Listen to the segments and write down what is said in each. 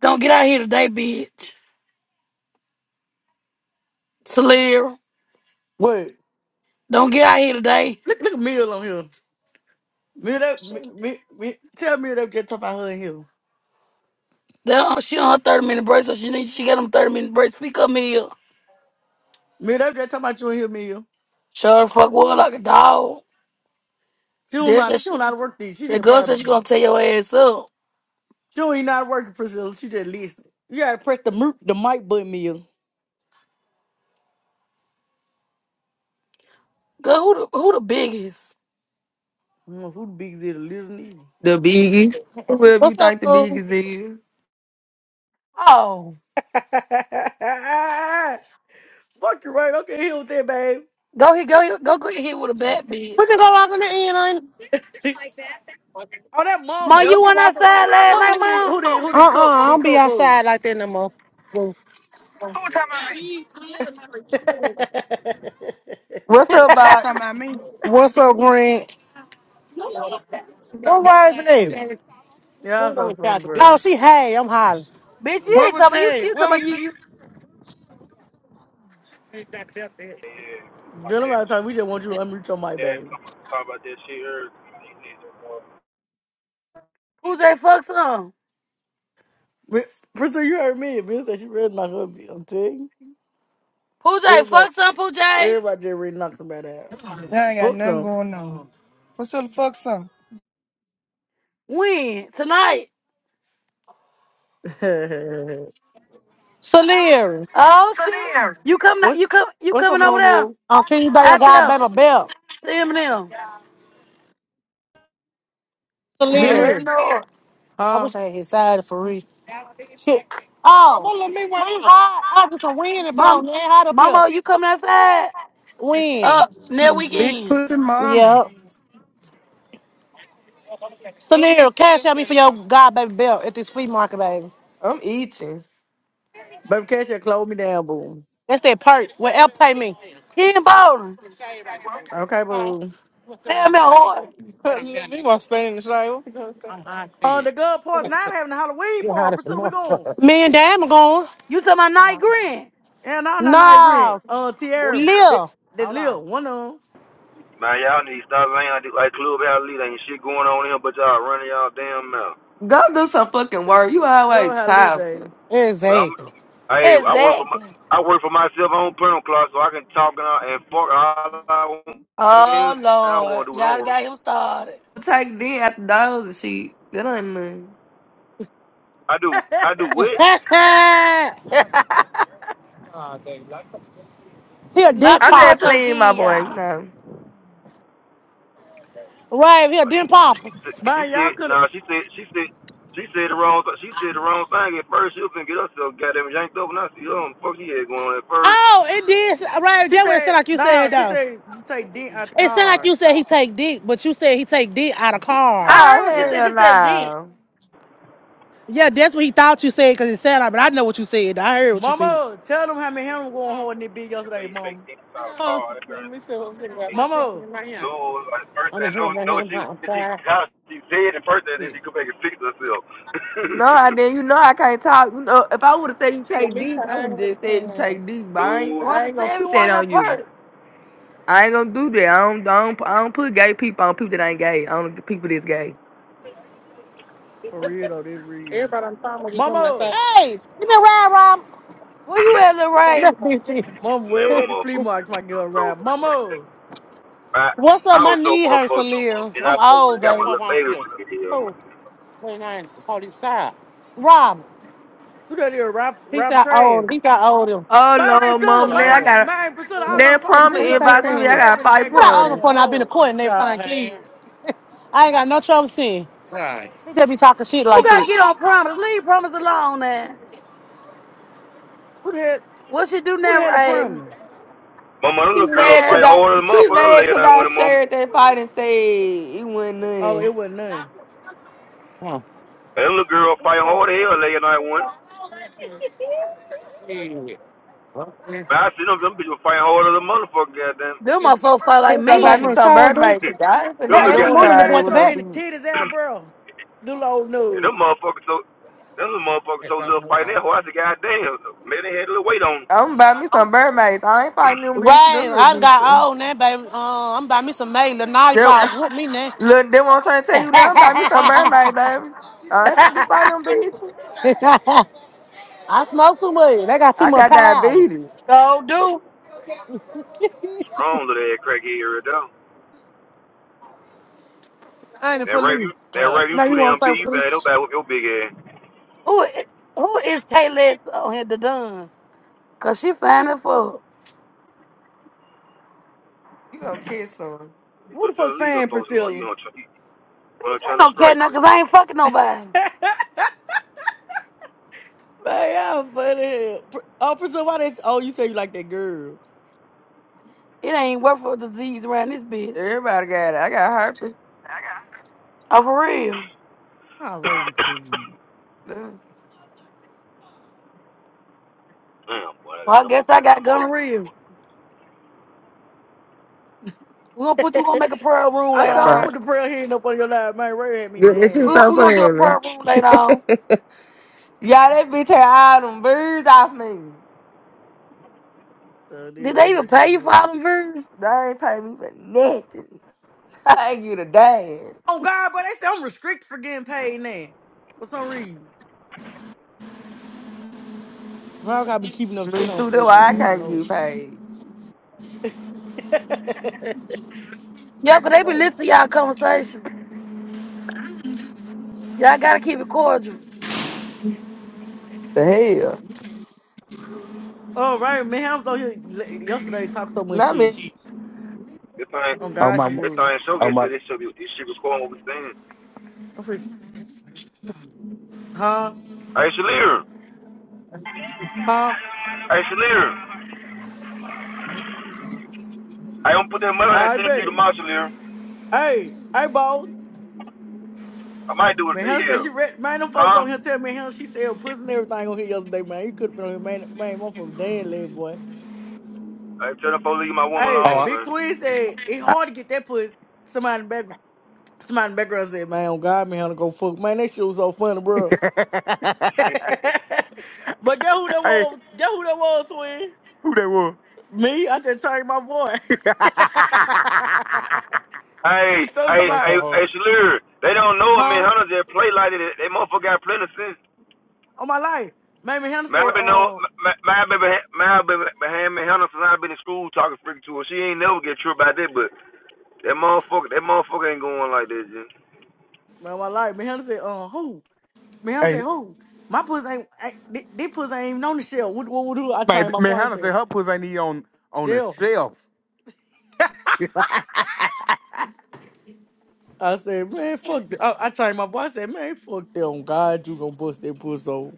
Don't get out here today, bitch. Salira. Wait, Don't get out here today. look, look at Mill on here. Mill, that, me, me, me, tell Mill that we just talking about her and him. That- uh, She on her 30 minute break, so she need she got them 30 minute breaks. Speak up, Mia. Mill, that we just talking about you and him, Mill. Shut the fuck well like a dog. She don't That's not, that she don't she know how to work these. She that should girl said she probably, gonna tear your ass up. she don't even know how to work it, Priscilla. She just listen. You gotta press the mute, the mic button, Mill. Girl, who the who the biggest? I don't know who the biggest is, the little nigga. The biggest. Whoever you What's up, think the boo? biggest is. Oh. Fuck you, right? Okay, here with that, babe. Go here, go here, go get hit with a bat, We bitch. can go log in the end. She, oh, that Mom, mama. you went outside I last wonder night, who they, mom? who they, who Uh uh-uh, they cope, I they don't be cope was. outside like that no more. What's up, You Bob? talking about me? What's up, Green? What was it? Y'all so funny, bro. Oh, she hey, I'm hollering. Bitch, you What ain't was talking you said? you talking What about was you said? you Girl, I'm out of time. We just want you to unmute your mic, baby. Pooh J fuck some. But, Priscilla, you heard me. Bitch said she ready to knock her I'm telling Pooh J Everybody, fuck some Pooh J. everybody just ready to knock somebody out. I ain't got Fuck nothing them. going on. What's the fuck, son? When? Tonight. Salir. Oh, shit. You coming? what's You come? You what's coming up, over on, there? boo? I'm treating you by your Out there? goddamn belt. See him now. I Salir. already Dinner. know. I Huh? wish I had his side for real. Shit. Oh, well, let me win. we hot. I just a wind it. and blow. Mom, It ain't hot up here. Mama, you coming outside? Wind. Up next Big weekend. pussy mama. Yep. Salir, cash out me for your goddamn belt at this flea market, baby. I'm eating. Baby Cash had closed me down, boo. That's that perk. Well, L pay me. Ken Bowling. Okay, boo. Sam and Horton. Leave me want to stand in the shade. Uh, the girl party. Now we're having a Halloween party. Priscilla, we going. Me and Dad are going. You talking about night green? Yeah, no, no, no, I agree. Nah, Uh, Tierra, they, Lil. they live. One of them. Man, y'all need to stop saying like like Clubhouse Elite ain't shit going on here, but y'all running y'all damn mouth. Go do some fucking work. You Love always how live, tired. baby. But I'm, Exactly. hey, I work for my, Exactly. I work for myself. I don't put on clock, so I can talk and, I, and fuck all I want. Oh I don't Lord, want to do no y'all work. got him started. Take then after dogs and shit. That ain't nothing. I do, I do what? he a Not dent I too just much popper. on playing my Ken, boy, you y'all. know. Right, he a dent popper. You Man, y'all said, could have. nah. She said, she said, she said the wrong, she said the wrong thing at first. She was finna get herself goddamn yanked up, and I see her. um, Fuck, she had going on at first. Oh, it did. Right, She get what it said, sounded like you said, no, she though. said, you take Dent out the It sounded like car. you said he take dick, but you said he take dick out of I cars. Oh heard what she Yeah. said. hell She said, "Then no. Yeah, that's what he thought you said because it sounded like, but I know what you said. I heard what you said. Mama, tell them how many hands I'm going hard in that bitch yesterday, mama. Huh? Mama. No, like first thing, no, no, she, she, she said it first, and then she go back and fix herself. No, I didn't. You know I can't talk. You know, if I would have said you take dick, I would have just said you take dick. But I ain't, No, I Ronson ain't said gonna put that everyone on on you. perk. I ain't gonna do that. I don't, I don't, I don't put gay people on people that ain't gay. On people that's gay. For real though, they real. Everybody on time will be coming outside. Mama. Hey, you been riding, Where you at, Lil Ray? Mama, Man, where my Rob? at the flea motherfucker. market, my girl so- rap. Mama. I, What's I up? My was so knee hurts a motherfucker, little. and I I'm fucking old, got my baby. little babies to get here, man. Oh. Rob. Who that is, rap He rap said I owed Trav? He said I owed him. Oh My Aunt Lord, Priscilla, mama, now my I got my Aunt Priscilla, I was on the that phone He with promise Pooh say stay yesterday, inbox Rob saying me. I Trav got in the five what I background owe him promises. going for and I've been to hard. court and everything. Like, I ain't got no trouble seeing. He just be talking shit Who like this. got to get on promise? Leave promise alone, man. Who the hell What she do who the now, hell the Ray? promise? Mama, them She little girl mad Man, cause fight I harder than she motherfucker mad lay cause night I winning, mama. shared that fight and said it wasn't Oh, none. it wasn't none. And them little girl fight hard as hell lay night winning. Man, I see them, them bitches fight harder than motherfucker, goddamn. them motherfuckers felt like That's the Go buy me girlfriend. me. some So bird dude. mates. I ain't them finna be Man, That little them doing ass little all guys, girl woman that hair boy that at had the with so no back. many bitch. titties out, bro. Do old and nude. them motherfuckers so, them little motherfuckers so little fighting that hoe, I said, goddamn. Man, they had a little weight on 'em. I'm buy me some bird mates. I ain't fighting them bitches, them Right, little I done got bitches. old now, baby. Uh, I'm about me some May. Lenardi They, probably with me now. look, they won't trying to tell you now. Buy me some bird mates, baby. I ain't finna be fighting them bitches. I smoke too much. They got too I much got power. diabetes. so do. Strong little ass crackhead right there. That right, you, that right, you too damn big, you better, nobody whoop your big ass. Who i- who is Taylor on here the done? Cause she fine as fuck. You gonna kiss some? Who So the fuck just leave them fan folks alone. Priscilla? You gonna try, you Bitch, gonna I ain't trying to gonna care strike now for cause them. I ain't fucking nobody. Man, y'all funny. as hell. Pr- Oh, Priscilla, why this? Oh, you say you like that girl. It ain't worth for disease around this bitch. Everybody got it. I got herpes. Oh for real. Oh, Raven, please. Damn, boy, I got Well I them guess more I people. got gonorrhea. We're gonna put you we gonna make a prayer room I later All sure right. put on. the prayer hand up on your line, man. Ray had me Girl, that damn shit We're gonna, so lad. we funny. gonna do a prayer room later on. yeah, that bitch had all them birds off me. So they Did they Ray even had pay something to you do for with all it. them views? They ain't pay me for nothing. I ain't get a damn. Oh God, but they say I'm restricted for getting paid now. For some reason. Why I gotta be keeping up shit Me on too, Though I can't Facebook? get paid. I don't know. Yeah, cause they be listening to y'all conversation. Y'all gotta keep it cordial. The hell? Oh, right, man. I was on here le- yesterday talk so much not me. shit. This thing, Oh Oh God, she my, this was. thing show oh gets to my, this show. Be, this shit recording what we saying. I'm freaking, huh? Hey, Shalir. Huh? Hey, Shalir. I don't put that mother and I send to you bet. tomorrow, Shalir. Hey, hey, boss. I might do it Man, today Hannah said here. she read man, them folks huh? on here tell me Hannah she said pussy and everything on here yesterday, man. You could have been on here, man, man, motherfucker dead leg boy. hey, tell them folks leave my woman Hey, alone, oh. Big man. Twin said it's I, hard to get that pussy. Somebody in the background somebody in the background said, Man, oh God, man, Hannah go fuck. Man, that shit was so funny, bro. but get who that hey, was get who that was, twin. who that was? Me, I just changed my voice. she was Hey, still you talking hey, go about, hey, so hard. hey, Shalir. They don't know it, man. huh? Hunters that play like that, they motherfucker got plenty of sense. On my life. Mamie Hannah Man, said, I've been know, um. man, I've been, I've been behind me, Hunter since I've been in school talking freaking to her. She ain't never get tripped about that, but That motherfucker, that motherfucker ain't going like this, G. Bro, my life. Man, Hunter said, uh, who? Man, Hunter said, Hey, who? My pussy ain't, ain't thi- this pussy ain't even on the shelf. What, what, what do I changed man, my man, bar? I Hannah said, said her pussy ain't even on on the shell. shelf. hey, I said, man, fuck this. I, I changed my bar. I said, man, fuck them. God, you gonna bust that pussy off.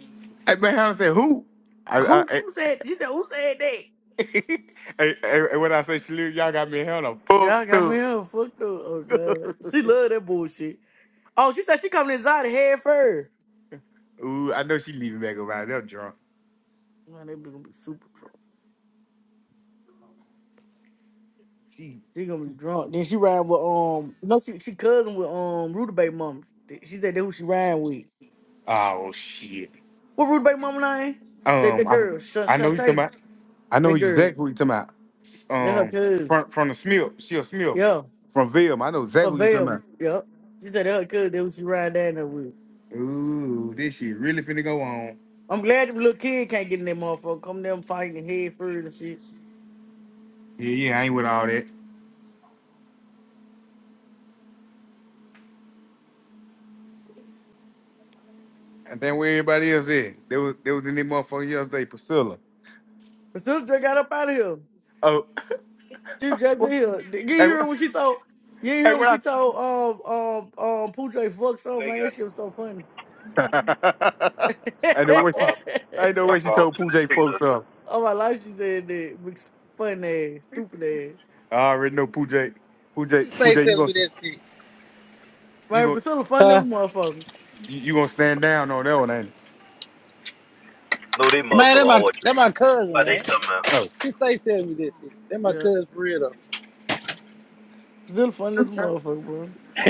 man, Hannah said who? I, I, Who, I, who said, she said, who said that? hey, hey, hey, when I say she leave, y'all got me in Hannah Yeah, I fucked got up. me here fucked up. Oh, God. She love that bullshit. Oh, she said she coming inside the head first. Ooh, I know she leaving back around. They're drunk. Man, that bitch gonna be super drunk. She, She gonna be drunk. Then she ran with, um, no, she, she cousin with, um, Rutabaga mom. She said that who she ran with. oh shit. What Rude Bay Mama name? That the Um, girl, Shan- I, I know who you talking Shantae. about. I know who That you- girl. exactly who you talking about. That her Um, cousin. from from the Smith, she a Smith Yeah. from Vilma. I know For exactly who you talking Vail. about. Yep. She said that her cousin. That was she ride down there with. Ooh, this shit really finna go on. I'm glad the little kid can't get in that motherfucker. Come them fighting head first and shit. Yeah, yeah, I ain't with all that. And then where everybody else at? There was there was in that motherfucker yesterday, Priscilla. Priscilla just got up out of here. Oh, She was just in here. You ain't hey, hear wh- what she told. You ain't hey, hear what she what told um um um Pooja fuck something, man. That shit was so funny. I? I know what she. I know what she told Pooja folks up. All my life she said that. Funny ass, stupid ass. I already know Pooja. Pooja, She stays Pooja, you telling me gonna that shit. you Man, gonna Priscilla funny as Huh? a motherfucker. you, you gonna stand down on that one, ain't? Man, that my that my cousin, man. Something you? Oh, She stays telling me this shit. That my Yeah. cousin for real Brazil funny little motherfucker, bro. though.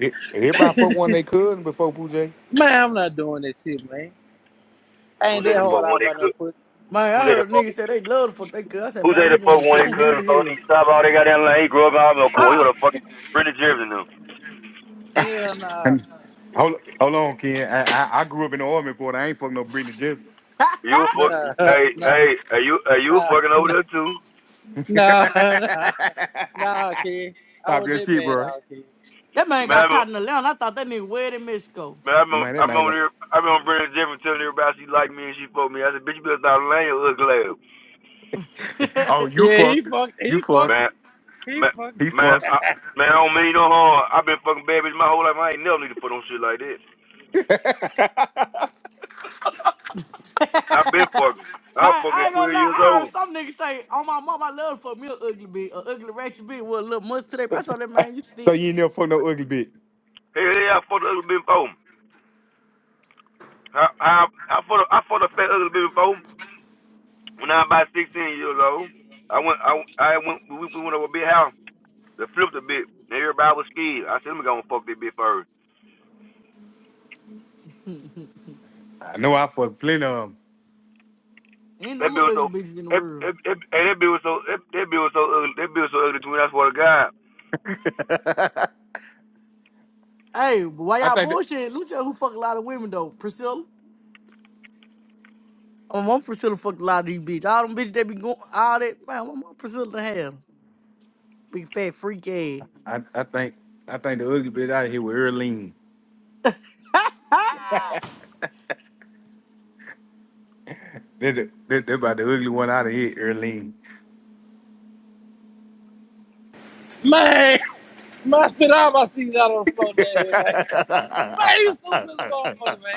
e- everybody fuck one they could before Pooh J. man, I'm not doing that shit, man. I ain't Who's they that the Shit. hard fuck one out they by no could? pussy. Man, Who's I they the heard fuck? niggas say they love the fuck they could. I said, Who's man, they you the fuck going to one the they could? near Before hell. he stop all they got down like he grew up out of court. He Ah, was a fucking Brenda Jeffs them. hell nah, And hold, hold on, Ken. I, I, I grew up in the Army, Quarter. I ain't fucking no Britney Jensen. You a nah, fuck? nah, Hey, nah, hey, are you are you a nah, fucking over there too? nah, nah, nah, kid. I Stop was your that shit, bad bro. out, kid. that man Man, I got remember, caught in the land. I thought that nigga wed in Mexico. man, I remember, Man, I that man got. here- I remember Brenda Jeffs telling everybody she liked me and she fucked me. I said, bitch, you better stop laying. you ugly ass. man, Oh, you Yeah, he fucked. fucked, You he fucked, fucked. Man, he man, fucked. He man, fucked. I, man, I don't mean no harm. I've been fucking bad bitch my whole life. I ain't never need to put on shit like that. I've been fucking. I was I fucking at ain't gonna 12 lie. years I old. heard some niggas say, "Oh my mom, I love for me an ugly bitch, an ugly ratchet bitch with a little mustache. today. so I told that man, you so sick. you ain't never fucked no ugly bitch. Hey, hey, I fought a ugly baby before. him. I, I, I fought, a, I fought a fat ugly baby before him when I was about 16 years old. I went, I, I went, we, we went over a big house they flipped a bit, and everybody was scared. I said, let me go and fuck that bitch first. I know I fucked plenty of 'em. ain't no That more bitch was ugly so, bitches in the that, world. that, that, hey, that bit was so, that, that bit was so ugly, that bit was so ugly to me, I swear to God. Hey, but why I y'all think the, bullshit? Let me tell you who fuck a lot of women, though. Priscilla. Oh, My mom Priscilla fucked a lot of these bitches. All them bitches that be going, all that, man, my mom Priscilla to hell. Big fat freak ass. I, I think I think the ugly bitch out of here with Earlene. They're, the, they're, they're about the ugly one out of here, Earlene. Man, man, I spit all my seeds out on the floor down here, man. Man, you stupid as a motherfucker,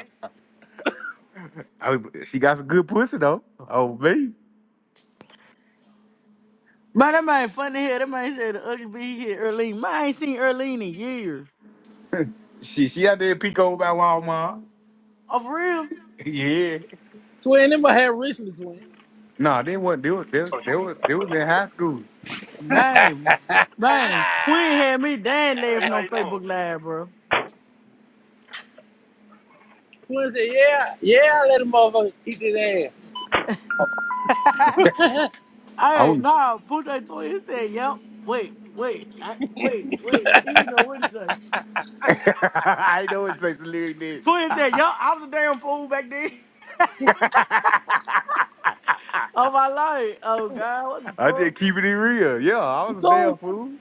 Oh, she got some good pussy though. Oh me, Man, that man funny hell. That man said the ugly bitch hit Earlene. Man, I ain't seen Earlene in years. she she out there in Pico by Walmart. Oh, for real? yeah, Twin in my hair recently, twin. nah, they weren't. They was they, was- they was they was in high school. twin Man, man. Twin had me dad laughing on Facebook Live, bro. said, yeah, yeah, I let a motherfucker eat his ass. I Hey, don't. nah, Puja Twin said, yep. Wait, wait, I, wait, wait. You know what it's said? I know it's such a lyric did. Twin said, yo, I was a damn fool back then. I Oh my life. Oh God, what the fuck? just keeping it real. Yeah, I you was a cool? damn fool.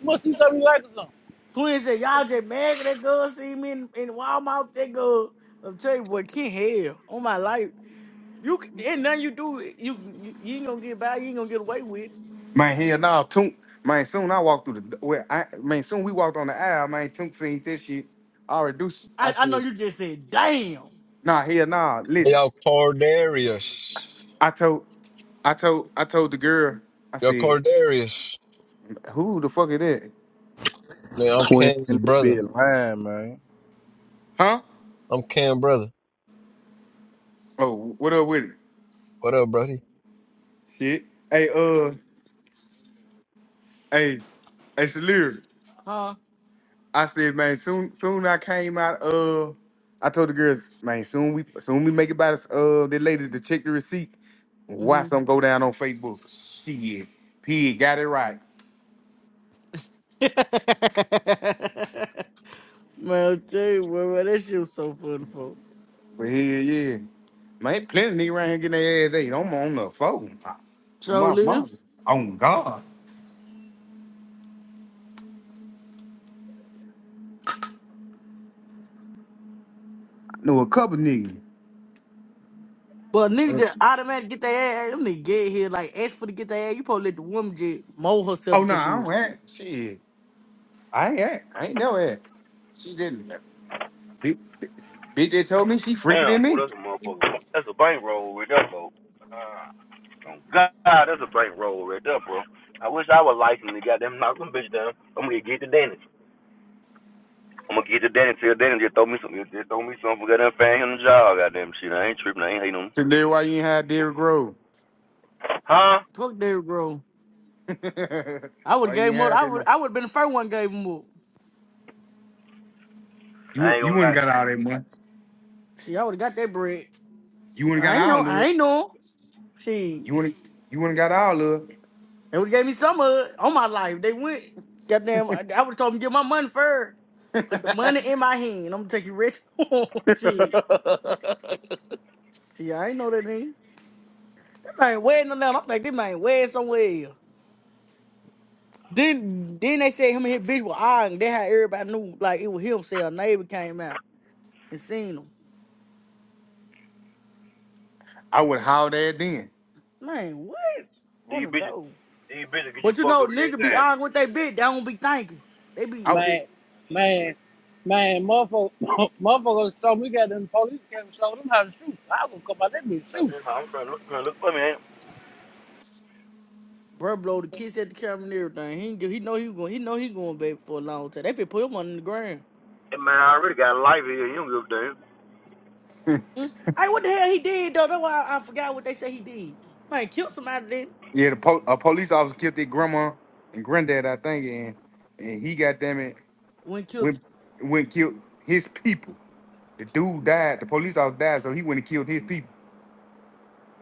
You must do something you like or something. Twins said, y'all just mad 'cause that girl see me in, in Walmart. That girl, I'm telling you, boy, can't hell on my life. You c- ain't nothing you do. You, you you ain't gonna get by. You ain't gonna get away with. it. Man, hell nah, Toon. Man, soon I walked through the well, I man, soon we walked on the aisle, man, Toon seen this shit. I reduced I I I know said, you just said, damn, nah, hell nah, Hey, listen. Yo, Cordarius. I told I told I told the girl, I Yo, said, Cordarius. Who the fuck is that? Man, I'm Twin Cam's in the brother. bed, line, man. Huh? I'm Cam brother. Oh, what up with it? What up, brody? Shit. Hey, uh, hey, hey, Salir. huh? I said, man, soon, soon I came out. Uh, I told the girls, man, soon we, soon we make it by this. Uh, the lady to check the receipt. Mm-hmm. Watch them go down on Facebook. Shit, P got it right. man, I'll tell you, what, man, that shit was so funny, folks. But hell yeah, man, plenty of niggas around here getting their ass ate. I'm on the phone. So My lil, mom. On God. I know a couple niggas. But nigga just Oh automatically get their ass. Them nigga get here like ask for to get their ass. You probably let the woman just mold herself no, to nah, I do don't it. have shit. I ain't, I ain't know it. She didn't. Bitch, B- BJ told me she freaker than Damn, boy, me. that's a motherfucker. That's a bank roll right there, bro. Oh, God, that's a bank roll right there, bro. I wish I was licensed to goddamn knock them bitch down. I'm gonna get to Danny. I'm gonna get to Danny. Tell Danny just throw me some. Just throw me some for goddamn fan him the job. Goddamn shit. I ain't tripping. I ain't hating him. So then why you ain't had Derrick Rose? Huh? Fuck that, bro. I would why you gave ain't him up. had I that would much? I would have been the first one gave him up. You I ain't you gonna wouldn't lie. got to you. all that money. See, I would have got that bread. You wouldn't got I ain't all know. of I it. ain't know. She, You wouldn't you wouldn't got all of they would have gave me some of it on my life. They went. Goddamn, I, I would have told them get my money first. Put the money it. in my hand. I'm gonna take you rich. she, she, I ain't know that man. That man wedding on that. I'm like, this man wedding somewhere. else. Then, then they said him and his bitch were arguing. They how everybody knew like it was him. Say a neighbor came out and seen him. I would howl that then. Man, what? Run These the bitches. door. These bitches get you But you fucked up know, every nigga be time. arguing with they bitch. They don't be thinking. They be I would- just Man, man, man, motherfucker, motherfuckers told me we got them police came and showed them how to shoot. I was gonna come out there and shoot. I'm trying to look. Trying to look for me. Ain't Bro, blow the kiss at the camera and everything. He ain't give- he know he was going. He know he going back for a long time. They finna put him on the ground. I? Hey, man, I already got a life here. You don't give a damn. Mm. Hey, what the hell he did though? That's why I, I forgot what they say he did. Man, killed somebody then. yeah, the po- a police officer killed their grandma and granddad, I think, and and he got them it When killed, went went and killed his people. The dude died. The police officer died, so he went and killed his people.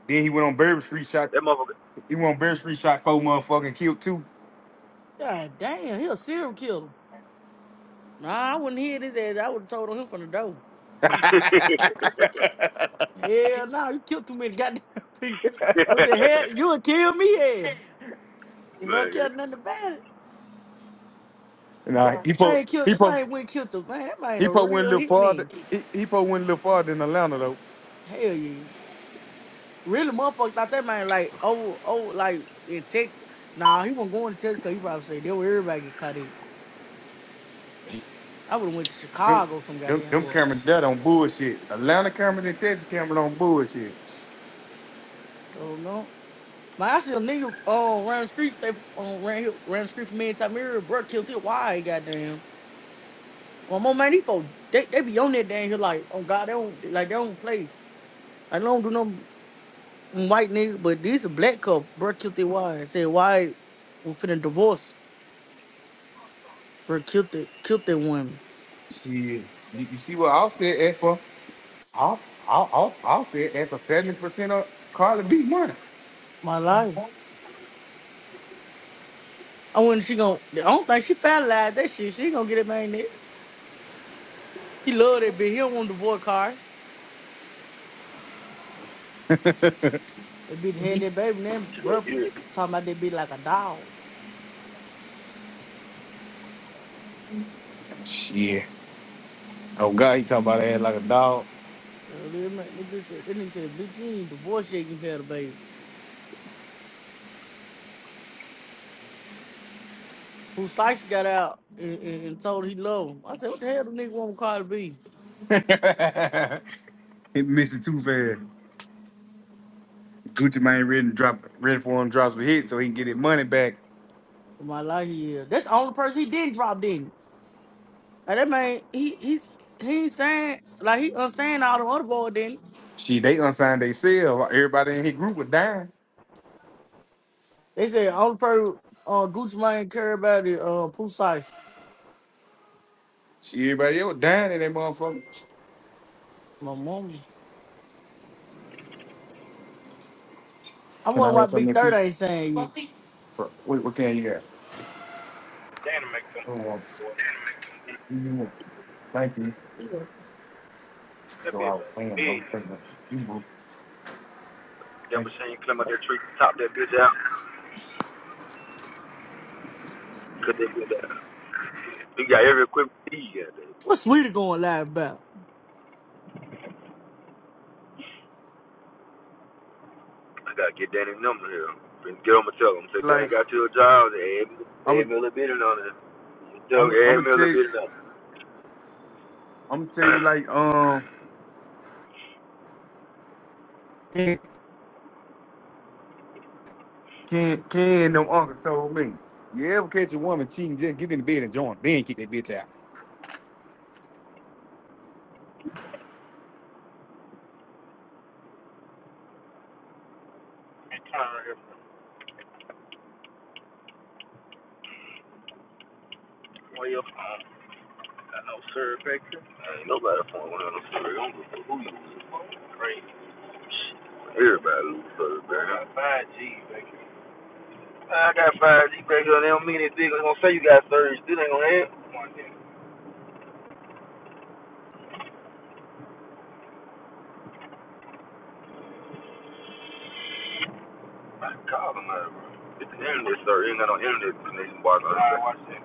Then he went on Barry Street shot. That motherfucker. He went on Barry Street shot four motherfucking killed two. god damn, he a serial killer. Nah, I wouldn't hear this ass. I would have told on him from the door. Hell no, you killed too many goddamn people. What the hell? You would kill me? Hell, you don't care man. nothing about it. Damn, nah, that he po man killed. he That po man went killed the man. That man he a po went a real little farther. hitman. He, he po went a little farther in Atlanta though. Hell yeah. really motherfucker, thought that man like oh oh like in Texas. Nah, he wasn't going to Texas because he probably said there where everybody get caught in. I would have went to Them Chicago some them, goddamn them well. cameras that on bullshit. Atlanta cameras and Texas cameras on bullshit. So no. Man, I see a nigga uh, ran the street, stay um, ran here, ran the street from me in Tamir, bro, killed it. Why goddamn? Well, my man, these folks, they, they be on that damn here like, oh God, they don't like they don't play. I don't do no white nigga, but this a black couple, bro, killed it. Why? Said why? We finna divorce, bro, killed it, killed that woman. Shit, you, you see what I'll say for I'll I'll i I'll say as for seventy percent of Carly B money. My life. I wonder she gonna. I don't think she finalized that shit. She ain't gonna get it, man. There. He love that bitch. He don't want to divorce car. That bitch had that baby. and Then bro talking about that bitch like a dog. Shit. Oh God, he talking about ass like a dog. Uh, That man- that bitch said. Then he said, "Bitch, you ain't divorced yet. You had a baby." Who slice got out and, and, and told her he loved him. I said, "What the hell, the nigga want Cardi B?" he missed it too fast. Gucci Mane ready to drop ready for him to drop some hits so he can get his money back. For my life, he is. That's the only person he didn't drop. Didn't. he? like that man, he he's he ain't saying like he unsaying all the other boy. Didn't. She they unsigned they sell. Everybody in his group was dying. They said only person uh, Gucci Mane care about is uh, Pooh Slice. She everybody else dying in that motherfucker. My mom. I Can wonder I why have Big something in Third peace? ain't saying it. For, what, what can you have? Oh, well, you don't want- thank you. So I was playing, I was playing. You boo. That Thank you. machine climb up that tree, top that bitch out, cut that bitch down. He got every equipment he got. What's Sweetie going live about? I gotta get Danny's number here. Finna Get on my tell him. Say, Danny, Like I got you a job. Add, me- add I'm, a little bit in on it. I'm, Tell me, I'm gonna add me a little tell, bit in on it. I'm gonna tell you like um, Ken, Ken, Ken, them uncle told me, you ever catch a woman cheating, just get in the bed and join, then kick that bitch out. nobody point one of them straight Everybody lose thirty down. Five G back here. I got five G back here. They don't mean anything. They gonna say you got thirty. Still ain't gonna have. I call them out, bro. It's the internet, sir. You ain't got no internet connection. right, watch that.